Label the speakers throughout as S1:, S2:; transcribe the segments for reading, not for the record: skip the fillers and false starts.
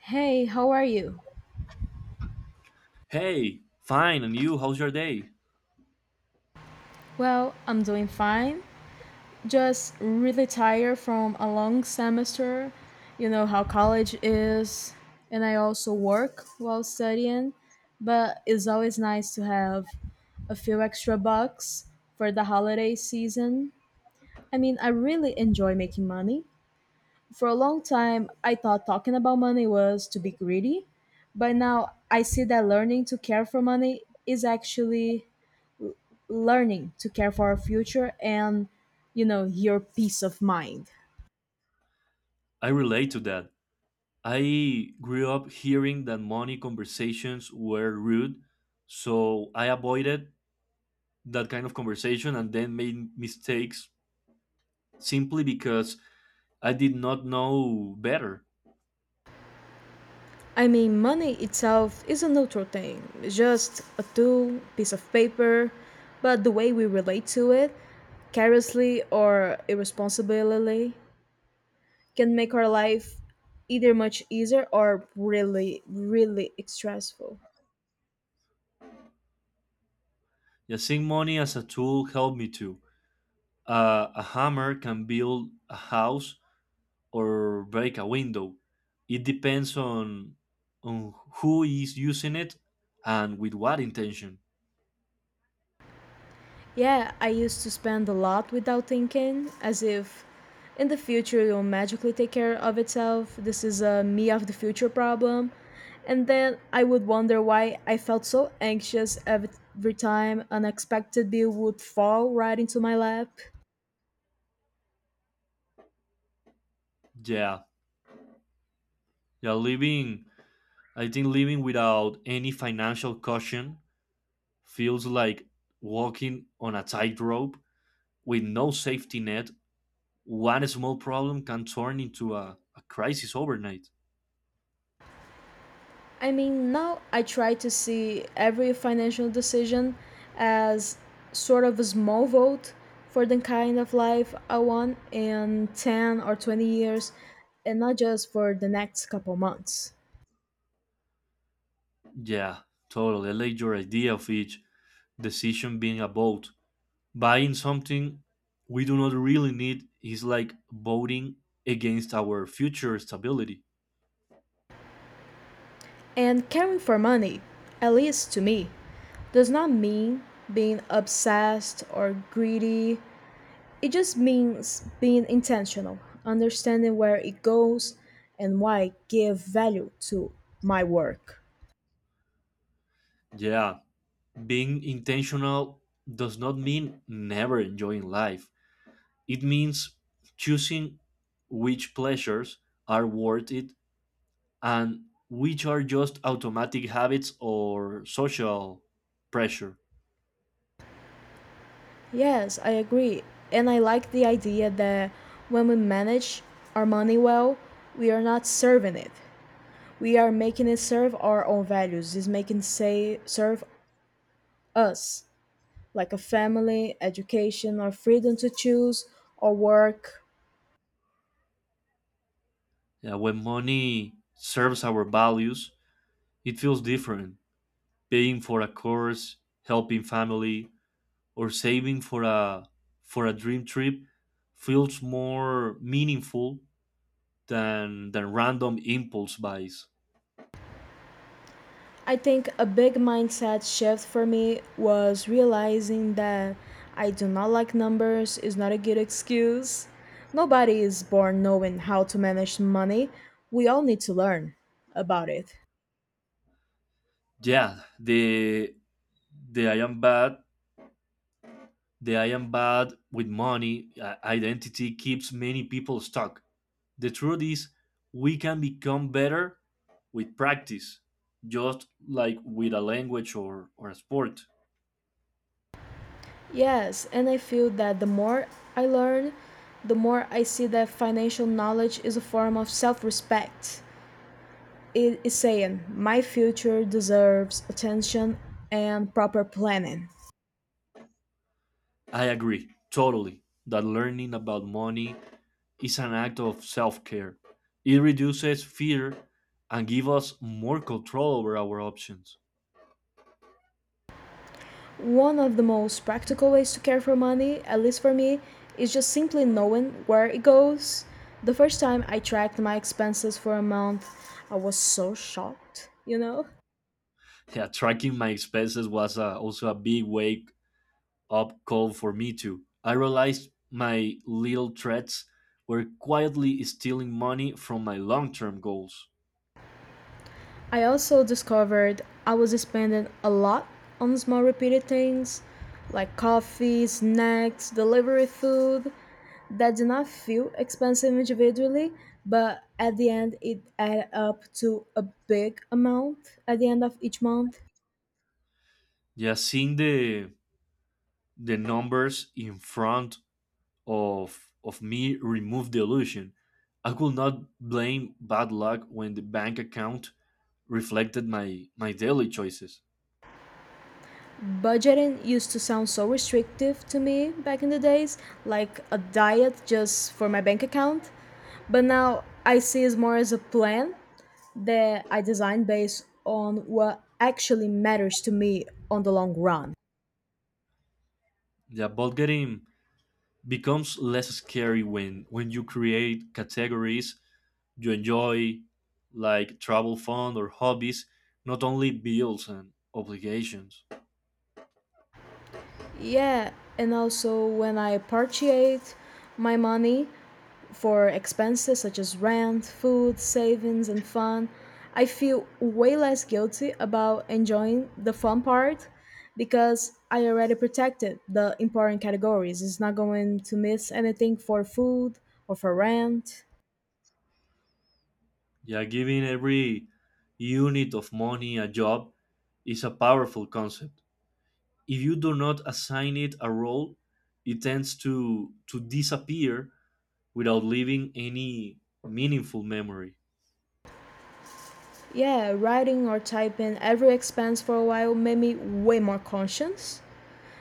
S1: Hey, how are you?
S2: Hey, fine, and you, how's your day?
S1: Well, I'm doing fine. Just really tired from a long semester. You know how college is, and I also work while studying, but it's always nice to have a few extra bucks for the holiday season. I mean, I really enjoy making money. For a long time, I thought talking about money was to be greedy, but now I see that learning to care for money is actually learning to care for our future and your peace of mind.
S2: I relate to that. I grew up hearing that money conversations were rude, so I avoided that kind of conversation and then made mistakes simply because I did not know better.
S1: I mean, money itself is a neutral thing, it's just a tool, piece of paper, but the way we relate to it, carelessly or irresponsibly, can make our life either much easier or really really stressful.
S2: Yeah, seeing money as a tool helped me too. A hammer can build a house or break a window. It depends on who is using it and with what intention.
S1: Yeah, I used to spend a lot without thinking, as if in the future it will magically take care of itself. This is a me of the future problem. And then I would wonder why I felt so anxious every time an unexpected bill would fall right into my lap.
S2: Yeah, yeah. Living, I think living without any financial caution feels like walking on a tightrope with no safety net. One small problem can turn into a crisis overnight.
S1: I mean, now I try to see every financial decision as sort of a small vote for the kind of life I want in 10 or 20 years, and not just for the next couple months.
S2: Yeah, totally. I like your idea of each decision being a vote. Buying something we do not really need is like voting against our future stability.
S1: And caring for money, at least to me, does not mean being obsessed or greedy. It just means being intentional, understanding where it goes and why I give value to my work.
S2: Yeah, being intentional does not mean never enjoying life. It means choosing which pleasures are worth it and which are just automatic habits or social pressure.
S1: Yes, I agree. And I like the idea that when we manage our money well, we are not serving it. We are making it serve our own values. It's making say serve us, like a family, education, or freedom to choose, or work.
S2: Yeah, when money serves our values, it feels different. Paying for a course, helping family, or saving for a dream trip feels more meaningful than random impulse buys.
S1: I think a big mindset shift for me was realizing that I do not like numbers is not a good excuse. Nobody is born knowing how to manage money. We all need to learn about it.
S2: Yeah, the I am bad with money identity keeps many people stuck. The truth is, we can become better with practice, just like with a language or a sport.
S1: Yes, and I feel that the more I learn, the more I see that financial knowledge is a form of self respect. It is saying, my future deserves attention and proper planning.
S2: I agree totally that learning about money is an act of self care. It reduces fear and gives us more control over our options.
S1: One of the most practical ways to care for money, at least for me, is just simply knowing where it goes. The first time I tracked my expenses for a month, I was so shocked, you know?
S2: Yeah, tracking my expenses was also a big way up call for me too. I realized my little threats were quietly stealing money from my long-term goals.
S1: I also discovered I was spending a lot on small repeated things like coffee, snacks, delivery food that did not feel expensive individually, but at the end it added up to a big amount at the end of each month.
S2: Just seeing the numbers in front of me removed the illusion. I could not blame bad luck when the bank account reflected my daily choices.
S1: Budgeting used to sound so restrictive to me back in the days, like a diet just for my bank account. But now I see it more as a plan that I design based on what actually matters to me on the long run.
S2: Yeah, but getting becomes less scary when you create categories you enjoy, like travel fund or hobbies, not only bills and obligations.
S1: Yeah, and also when I appreciate my money, for expenses such as rent, food, savings, and fun, I feel way less guilty about enjoying the fun part because I already protected the important categories. It's not going to miss anything for food or for rent.
S2: Yeah, giving every unit of money a job is a powerful concept. If you do not assign it a role, it tends to disappear without leaving any meaningful memory.
S1: Yeah, writing or typing every expense for a while made me way more conscious.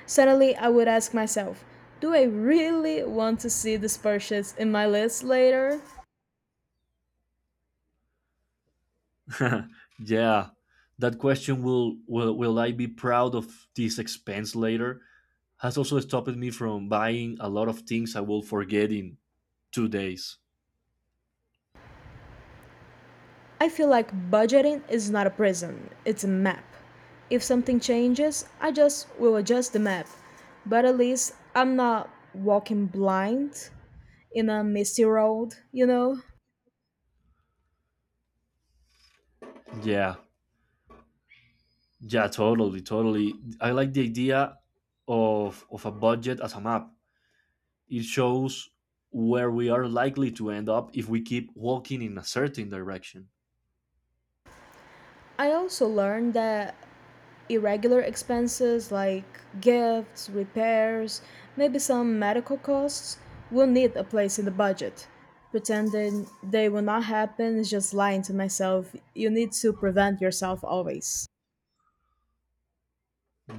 S1: Suddenly, I would ask myself, do I really want to see this purchase in my list later?
S2: Yeah, that question, will I be proud of this expense later, has also stopped me from buying a lot of things I will forget in 2 days.
S1: I feel like budgeting is not a prison, it's a map. If something changes, I just will adjust the map. But at least I'm not walking blind in a misty road, you know?
S2: Yeah, yeah, totally, totally. I like the idea of a budget as a map. It shows where we are likely to end up if we keep walking in a certain direction.
S1: I also learned that irregular expenses like gifts, repairs, maybe some medical costs will need a place in the budget. Pretending they will not happen is just lying to myself. You need to prevent yourself always.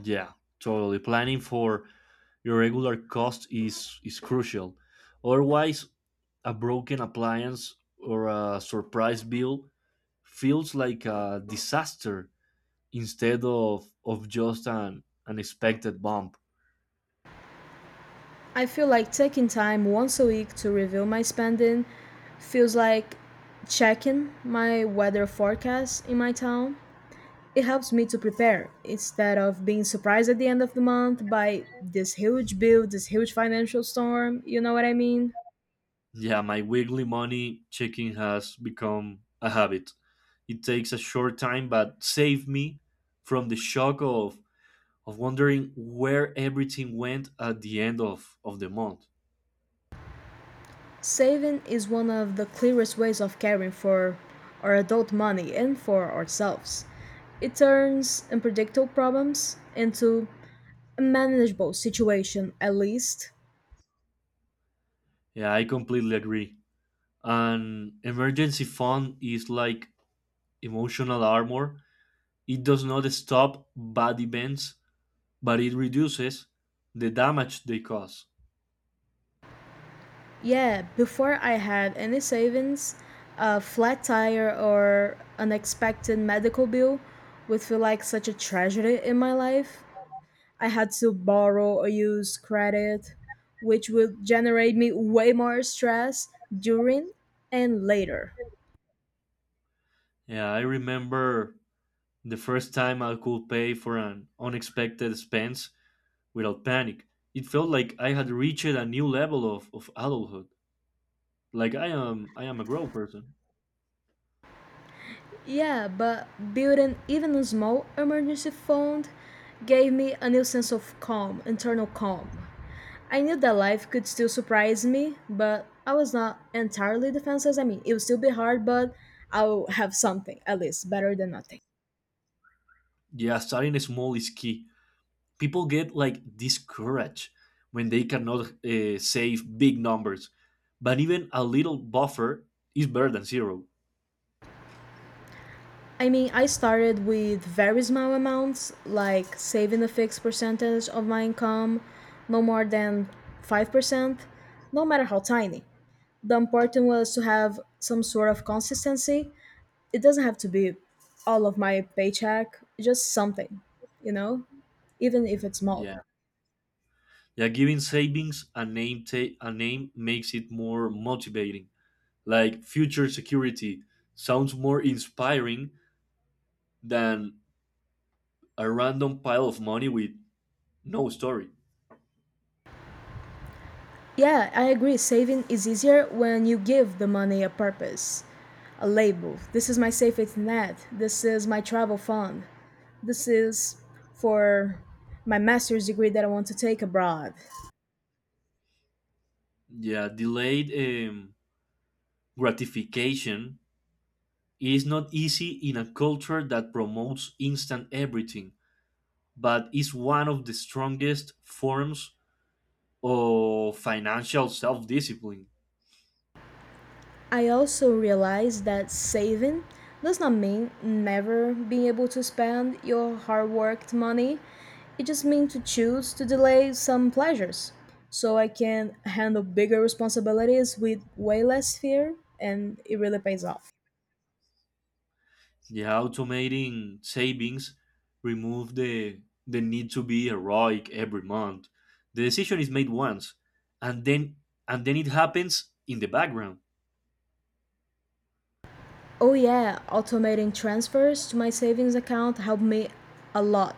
S2: Yeah, totally. Planning for your regular cost is crucial. Otherwise, a broken appliance or a surprise bill feels like a disaster instead of just an unexpected bump.
S1: I feel like taking time once a week to review my spending feels like checking my weather forecast in my town. It helps me to prepare instead of being surprised at the end of the month by this huge bill, this huge financial storm, you know what I mean?
S2: Yeah, my weekly money checking has become a habit. It takes a short time, but save me from the shock of wondering where everything went at the end of the month.
S1: Saving is one of the clearest ways of caring for our adult money and for ourselves. It turns unpredictable problems into a manageable situation, at least.
S2: Yeah, I completely agree. An emergency fund is like emotional armor. It does not stop bad events, but it reduces the damage they cause.
S1: Yeah, before I had any savings, a flat tire or unexpected medical bill would feel like such a tragedy in my life. I had to borrow or use credit, which would generate me way more stress during and later.
S2: Yeah, I remember the first time I could pay for an unexpected expense without panic. It felt like I had reached a new level of adulthood. Like I am a grown person.
S1: Yeah, but building even a small emergency fund gave me a new sense of calm, internal calm. I knew that life could still surprise me, but I was not entirely defenseless. I mean, it would still be hard, but I'll have something, at least, better than nothing.
S2: Yeah, starting small is key. People get like discouraged when they cannot save big numbers, but even a little buffer is better than zero.
S1: I mean, I started with very small amounts, like saving a fixed percentage of my income, no more than 5%, no matter how tiny. The important was to have some sort of consistency. It doesn't have to be all of my paycheck, just something, you know, even if it's small.
S2: Yeah, yeah, giving savings a name, a name makes it more motivating. Like future security sounds more inspiring than a random pile of money with no story.
S1: Yeah, I agree. Saving is easier when you give the money a purpose, a label. This is my safety net. This is my travel fund. This is for my master's degree that I want to take abroad.
S2: Yeah, delayed gratification is not easy in a culture that promotes instant everything, but it's one of the strongest forms of financial self discipline.
S1: I also realized that saving does not mean never being able to spend your hard worked money. It just means to choose to delay some pleasures so I can handle bigger responsibilities with way less fear, and it really pays off.
S2: Yeah, automating savings remove the need to be heroic every month. The decision is made once, and then and then it happens in the background.
S1: Oh yeah, automating transfers to my savings account helped me a lot.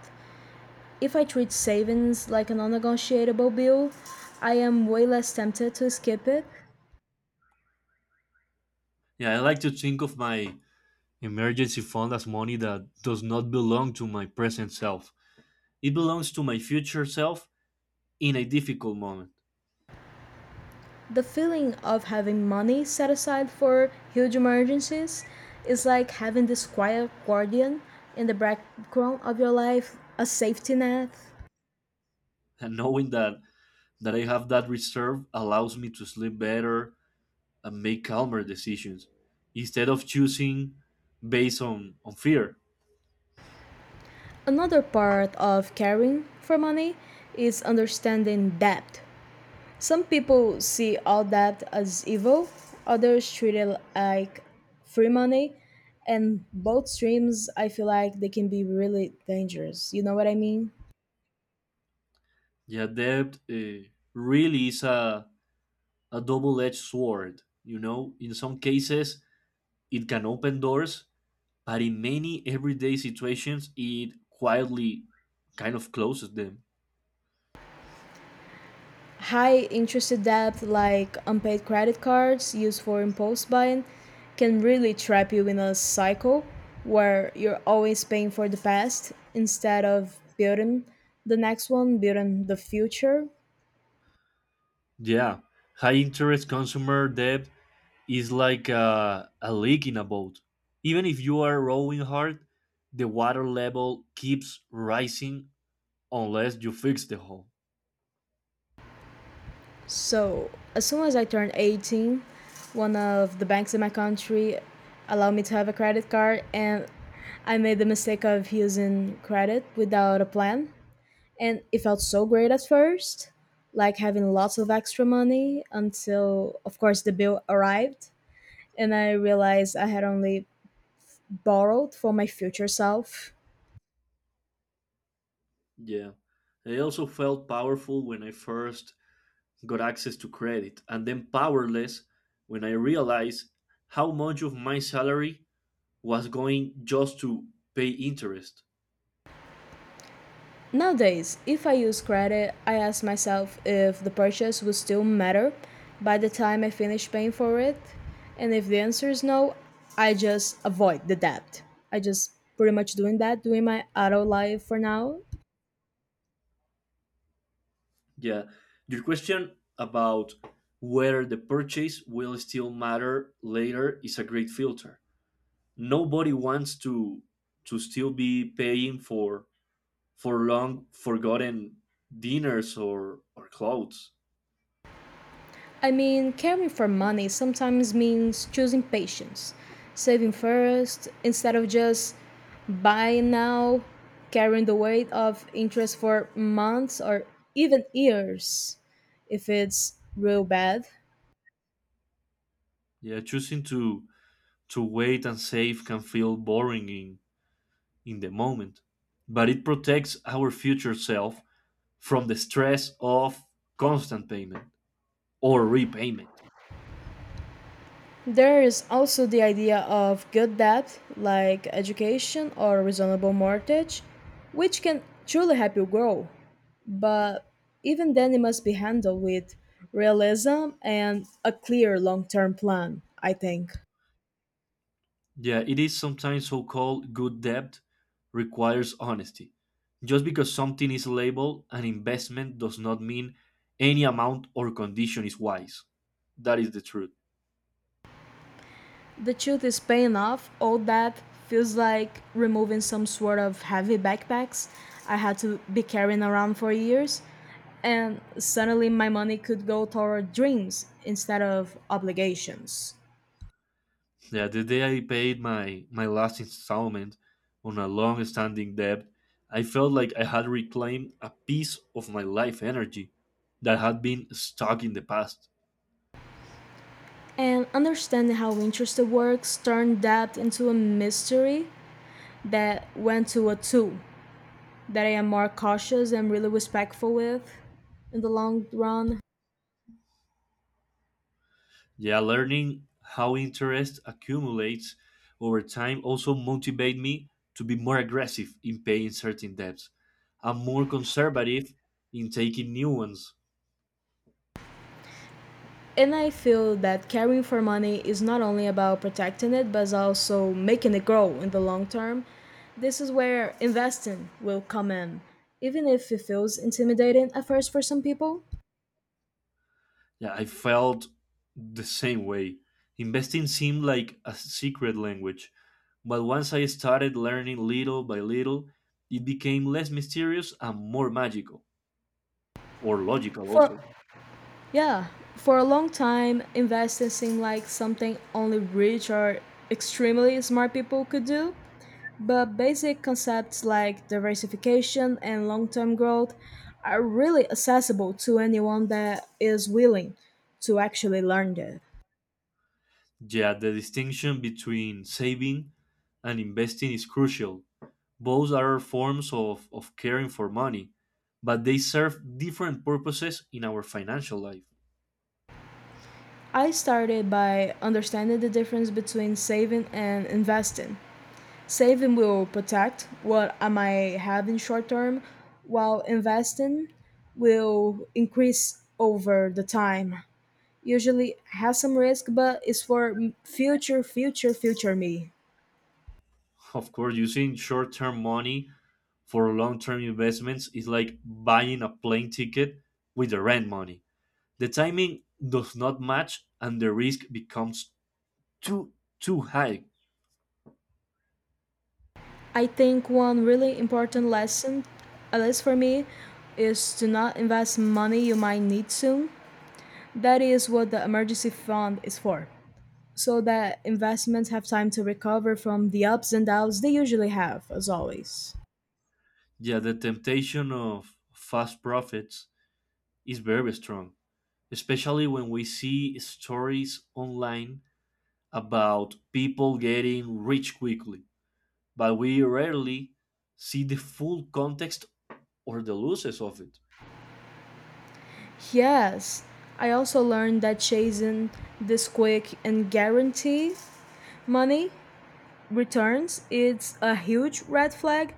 S1: If I treat savings like a non-negotiable bill, I am way less tempted to skip it.
S2: Yeah, I like to think of my emergency fund as money that does not belong to my present self. It belongs to my future self in a difficult moment.
S1: The feeling of having money set aside for huge emergencies is like having this quiet guardian in the background of your life, a safety net.
S2: And knowing that I have that reserve allows me to sleep better and make calmer decisions instead of choosing based on fear.
S1: Another part of caring for money is understanding debt. Some people see all that as evil, others treat it like free money, and both streams I feel like they can be really dangerous. You know what I mean?
S2: Yeah, debt, really is a double edged sword. You know, in some cases, it can open doors, but in many everyday situations, it quietly kind of closes them.
S1: High interest debt like unpaid credit cards used for impulse buying can really trap you in a cycle where you're always paying for the past instead of building the next one, building the future.
S2: Yeah, high interest consumer debt is like a leak in a boat. Even if you are rowing hard, the water level keeps rising unless you fix the hole.
S1: So, as soon as I turned 18, one of the banks in my country allowed me to have a credit card, and I made the mistake of using credit without a plan. And it felt so great at first, like having lots of extra money until, of course, the bill arrived. And I realized I had only borrowed for my future self.
S2: Yeah. I also felt powerful when I first got access to credit, and then powerless when I realized how much of my salary was going just to pay interest.
S1: Nowadays, if I use credit, I ask myself if the purchase would still matter by the time I finish paying for it. And if the answer is no, I just avoid the debt. I just pretty much doing that, doing my adult life for now.
S2: Yeah. Your question about whether the purchase will still matter later is a great filter. Nobody wants to still be paying for long forgotten dinners or clothes.
S1: I mean, caring for money sometimes means choosing patience, saving first instead of just buying now, carrying the weight of interest for months or even years if it's real bad.
S2: Yeah, choosing to wait and save can feel boring in the moment, but it protects our future self from the stress of constant payment or repayment.
S1: There is also the idea of good debt, like education or reasonable mortgage, which can truly help you grow. But even then it must be handled with realism and a clear long-term plan, I think.
S2: Yeah, it is sometimes so called good debt requires honesty. Just because something is labeled an investment does not mean any amount or condition is wise. That is the truth.
S1: The truth is paying off all that feels like removing some sort of heavy backpacks I had to be carrying around for years, and suddenly my money could go toward dreams instead of obligations.
S2: Yeah, the day I paid my last installment on a long standing debt, I felt like I had reclaimed a piece of my life energy that had been stuck in the past.
S1: And understanding how interest works turned debt into a mystery that went to a tool that I am more cautious and really respectful with in the long run.
S2: Yeah, learning how interest accumulates over time also motivate me to be more aggressive in paying certain debts. I'm more conservative in taking new ones.
S1: And I feel that caring for money is not only about protecting it, but is also making it grow in the long term. This is where investing will come in, even if it feels intimidating at first for some people.
S2: Yeah, I felt the same way. Investing seemed like a secret language, but once I started learning little by little, it became less mysterious and more magical, or logical
S1: For
S2: also.
S1: yeah, for a long time, investing seemed like something only rich or extremely smart people could do. But basic concepts like diversification and long term growth are really accessible to anyone that is willing to actually learn them.
S2: Yeah, the distinction between saving and investing is crucial. Both are forms of caring for money, but they serve different purposes in our financial life.
S1: I started by understanding the difference between saving and investing. Saving will protect what I might have in short term, while investing will increase over the time. Usually has some risk, but it's for future me.
S2: Of course, using short term money for long term investments is like buying a plane ticket with the rent money. The timing does not match and the risk becomes too too high.
S1: I think one really important lesson, at least for me, is to not invest money you might need soon. That is what the emergency fund is for, so that investments have time to recover from the ups and downs they usually have, as always.
S2: Yeah, the temptation of fast profits is very strong, especially when we see stories online about people getting rich quickly, but we rarely see the full context or the losses of it.
S1: Yes, I also learned that chasing this quick and guarantee money returns is a huge red flag.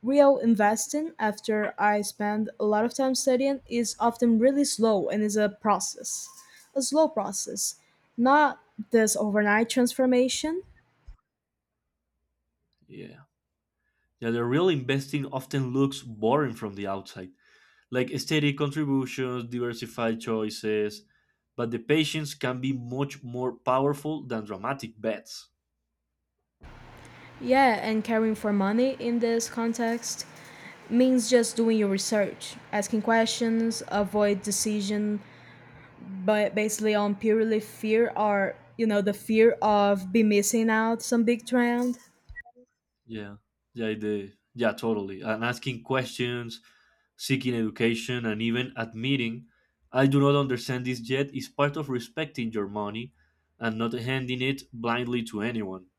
S1: Real investing, after I spend a lot of time studying, is often really slow and is a process, a slow process, not this overnight transformation.
S2: Yeah. Yeah, the real investing often looks boring from the outside, like steady contributions, diversified choices, but the patience can be much more powerful than dramatic bets.
S1: Yeah, and caring for money in this context means just doing your research, asking questions, avoid decision, but basically on purely fear or the fear of be missing out some big trend.
S2: Yeah. Yeah, the yeah, totally. And asking questions, seeking education and even admitting, I do not understand this yet, is part of respecting your money and not handing it blindly to anyone.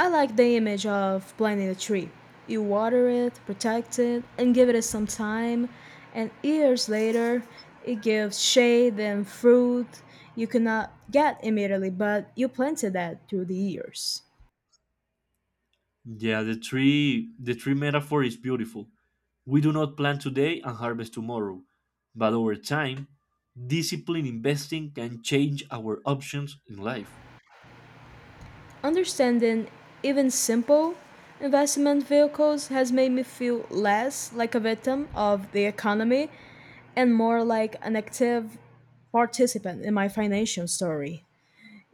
S1: I like the image of planting a tree. You water it, protect it, and give it some time, and years later, it gives shade and fruit you cannot get immediately, but you planted that through the years.
S2: Yeah, the tree metaphor is beautiful. We do not plant today and harvest tomorrow, but over time, disciplined investing can change our options in life.
S1: Understanding even simple investment vehicles has made me feel less like a victim of the economy and more like an active participant in my financial story.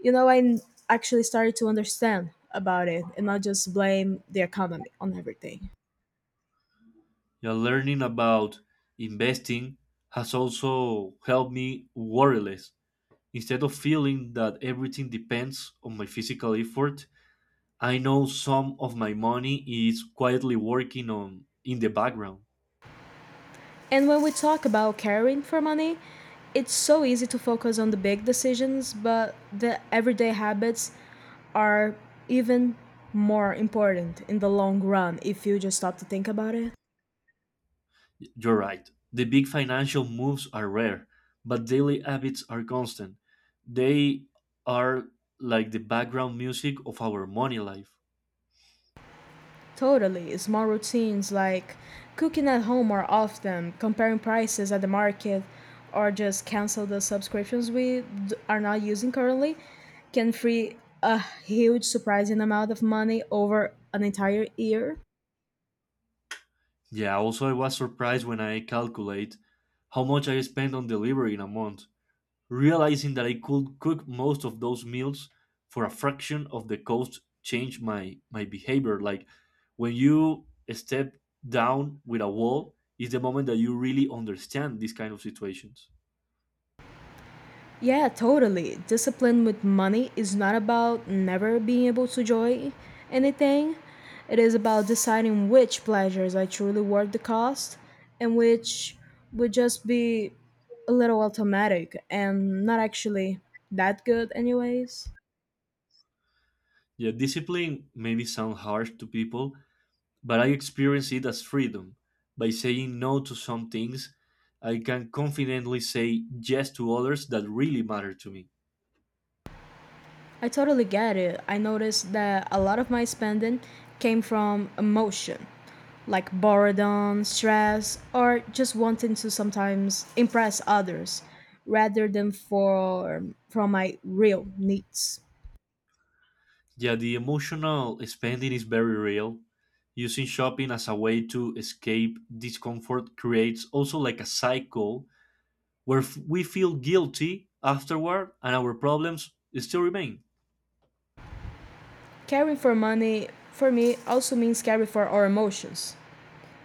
S1: I actually started to understand about it and not just blame the economy on everything.
S2: Yeah, learning about investing has also helped me worry less. Instead of feeling that everything depends on my physical effort, I know some of my money is quietly working on in the background.
S1: And when we talk about caring for money, it's so easy to focus on the big decisions, but the everyday habits are even more important in the long run if you just stop to think about it.
S2: You're right. The big financial moves are rare, but daily habits are constant. They are like the background music of our money life.
S1: Totally. Small routines like cooking at home more often, comparing prices at the market, or just cancel the subscriptions we are not using currently can free a huge surprising amount of money over an entire year.
S2: Yeah, also I was surprised when I calculate how much I spend on delivery in a month. Realizing that I could cook most of those meals for a fraction of the cost changed my behavior. Like when you step down with a wall is the moment that you really understand these kind of situations.
S1: Yeah, totally. Discipline with money is not about never being able to enjoy anything. It is about deciding which pleasures are truly worth the cost and which would just be a little automatic and not actually that good, anyways.
S2: Yeah, discipline maybe sound harsh to people, but I experience it as freedom. By saying no to some things, I can confidently say yes to others that really matter to me.
S1: I totally get it. I noticed that a lot of my spending came from emotion, like boredom, stress, or just wanting to sometimes impress others rather than for from my real needs.
S2: Yeah, the emotional spending is very real. Using shopping as a way to escape discomfort creates also like a cycle where we feel guilty afterward and our problems still remain.
S1: Caring for money for me also means caring for our emotions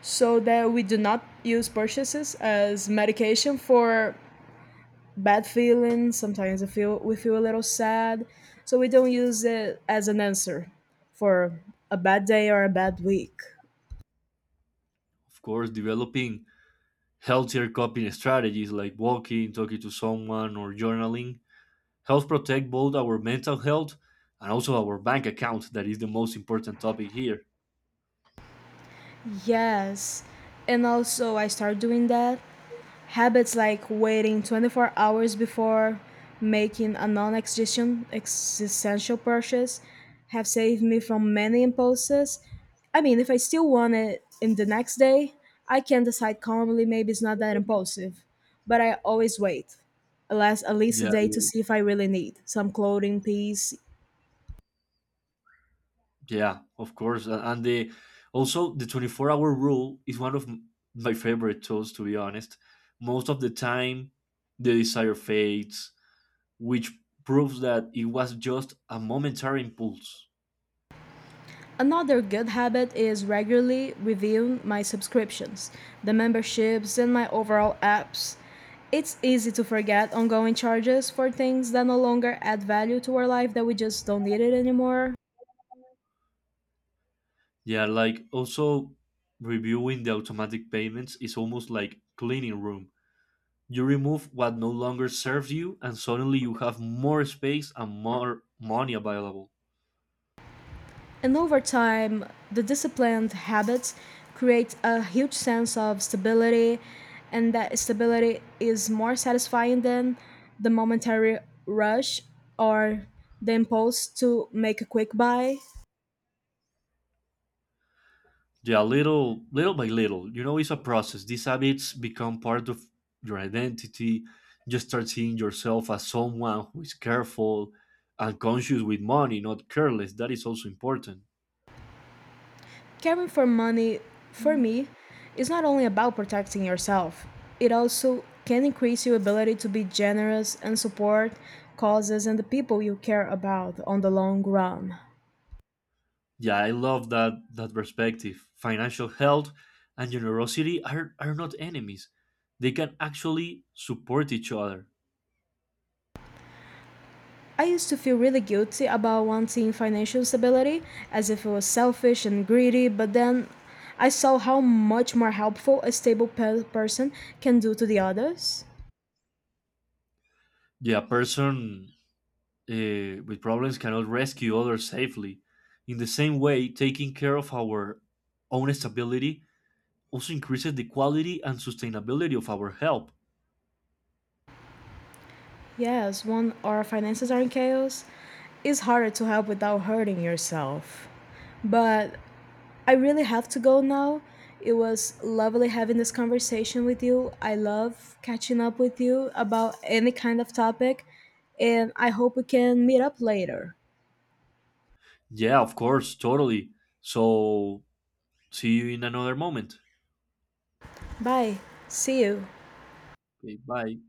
S1: so that we do not use purchases as medication for bad feelings. Sometimes we feel a little sad, so we don't use it as an answer for a bad day or a bad week.
S2: Of course, developing healthier coping strategies like walking, talking to someone, or journaling helps protect both our mental health and also our bank account, that is the most important topic here.
S1: Yes, and also I start doing that. Habits like waiting 24 hours before making a non existential purchase have saved me from many impulses. I mean, if I still want it in the next day, I can decide calmly maybe it's not that impulsive. But I always wait, alas, at least a
S2: Yeah,
S1: day to see if I really need some clothing piece.
S2: yeah, of course. And the also the 24-hour rule is one of my favorite tools to be honest. Most of the time the desire fades, which proves that it was just a momentary impulse.
S1: Another good habit is regularly reviewing my subscriptions, the memberships, and my overall apps. It's easy to forget ongoing charges for things that no longer add value to our life that we just don't need it anymore.
S2: Yeah, like also reviewing the automatic payments is almost like cleaning room. You remove what no longer serves you and suddenly you have more space and more money available.
S1: And over time, the disciplined habits create a huge sense of stability, and that stability is more satisfying than the momentary rush or the impulse to make a quick buy.
S2: Yeah, little by little. You know, it's a process. These habits become part of your identity. You start seeing yourself as someone who is careful and conscious with money, not careless. That is also important.
S1: Caring for money, for me, is not only about protecting yourself, it also can increase your ability to be generous and support causes and the people you care about on the long run.
S2: Yeah, I love that perspective. Financial health and generosity are not enemies. They can actually support each other.
S1: I used to feel really guilty about wanting financial stability as if it was selfish and greedy, but then I saw how much more helpful a stable person can do to the others.
S2: Yeah, a person, with problems cannot rescue others safely. In the same way, taking care of our own stability also increases the quality and sustainability of our help.
S1: Yes, when our finances are in chaos, it's harder to help without hurting yourself. But I really have to go now. It was lovely having this conversation with you. I love catching up with you about any kind of topic, and I hope we can meet up later.
S2: Yeah, of course, totally. So, see you in another moment.
S1: Bye. See you.
S2: Okay, bye.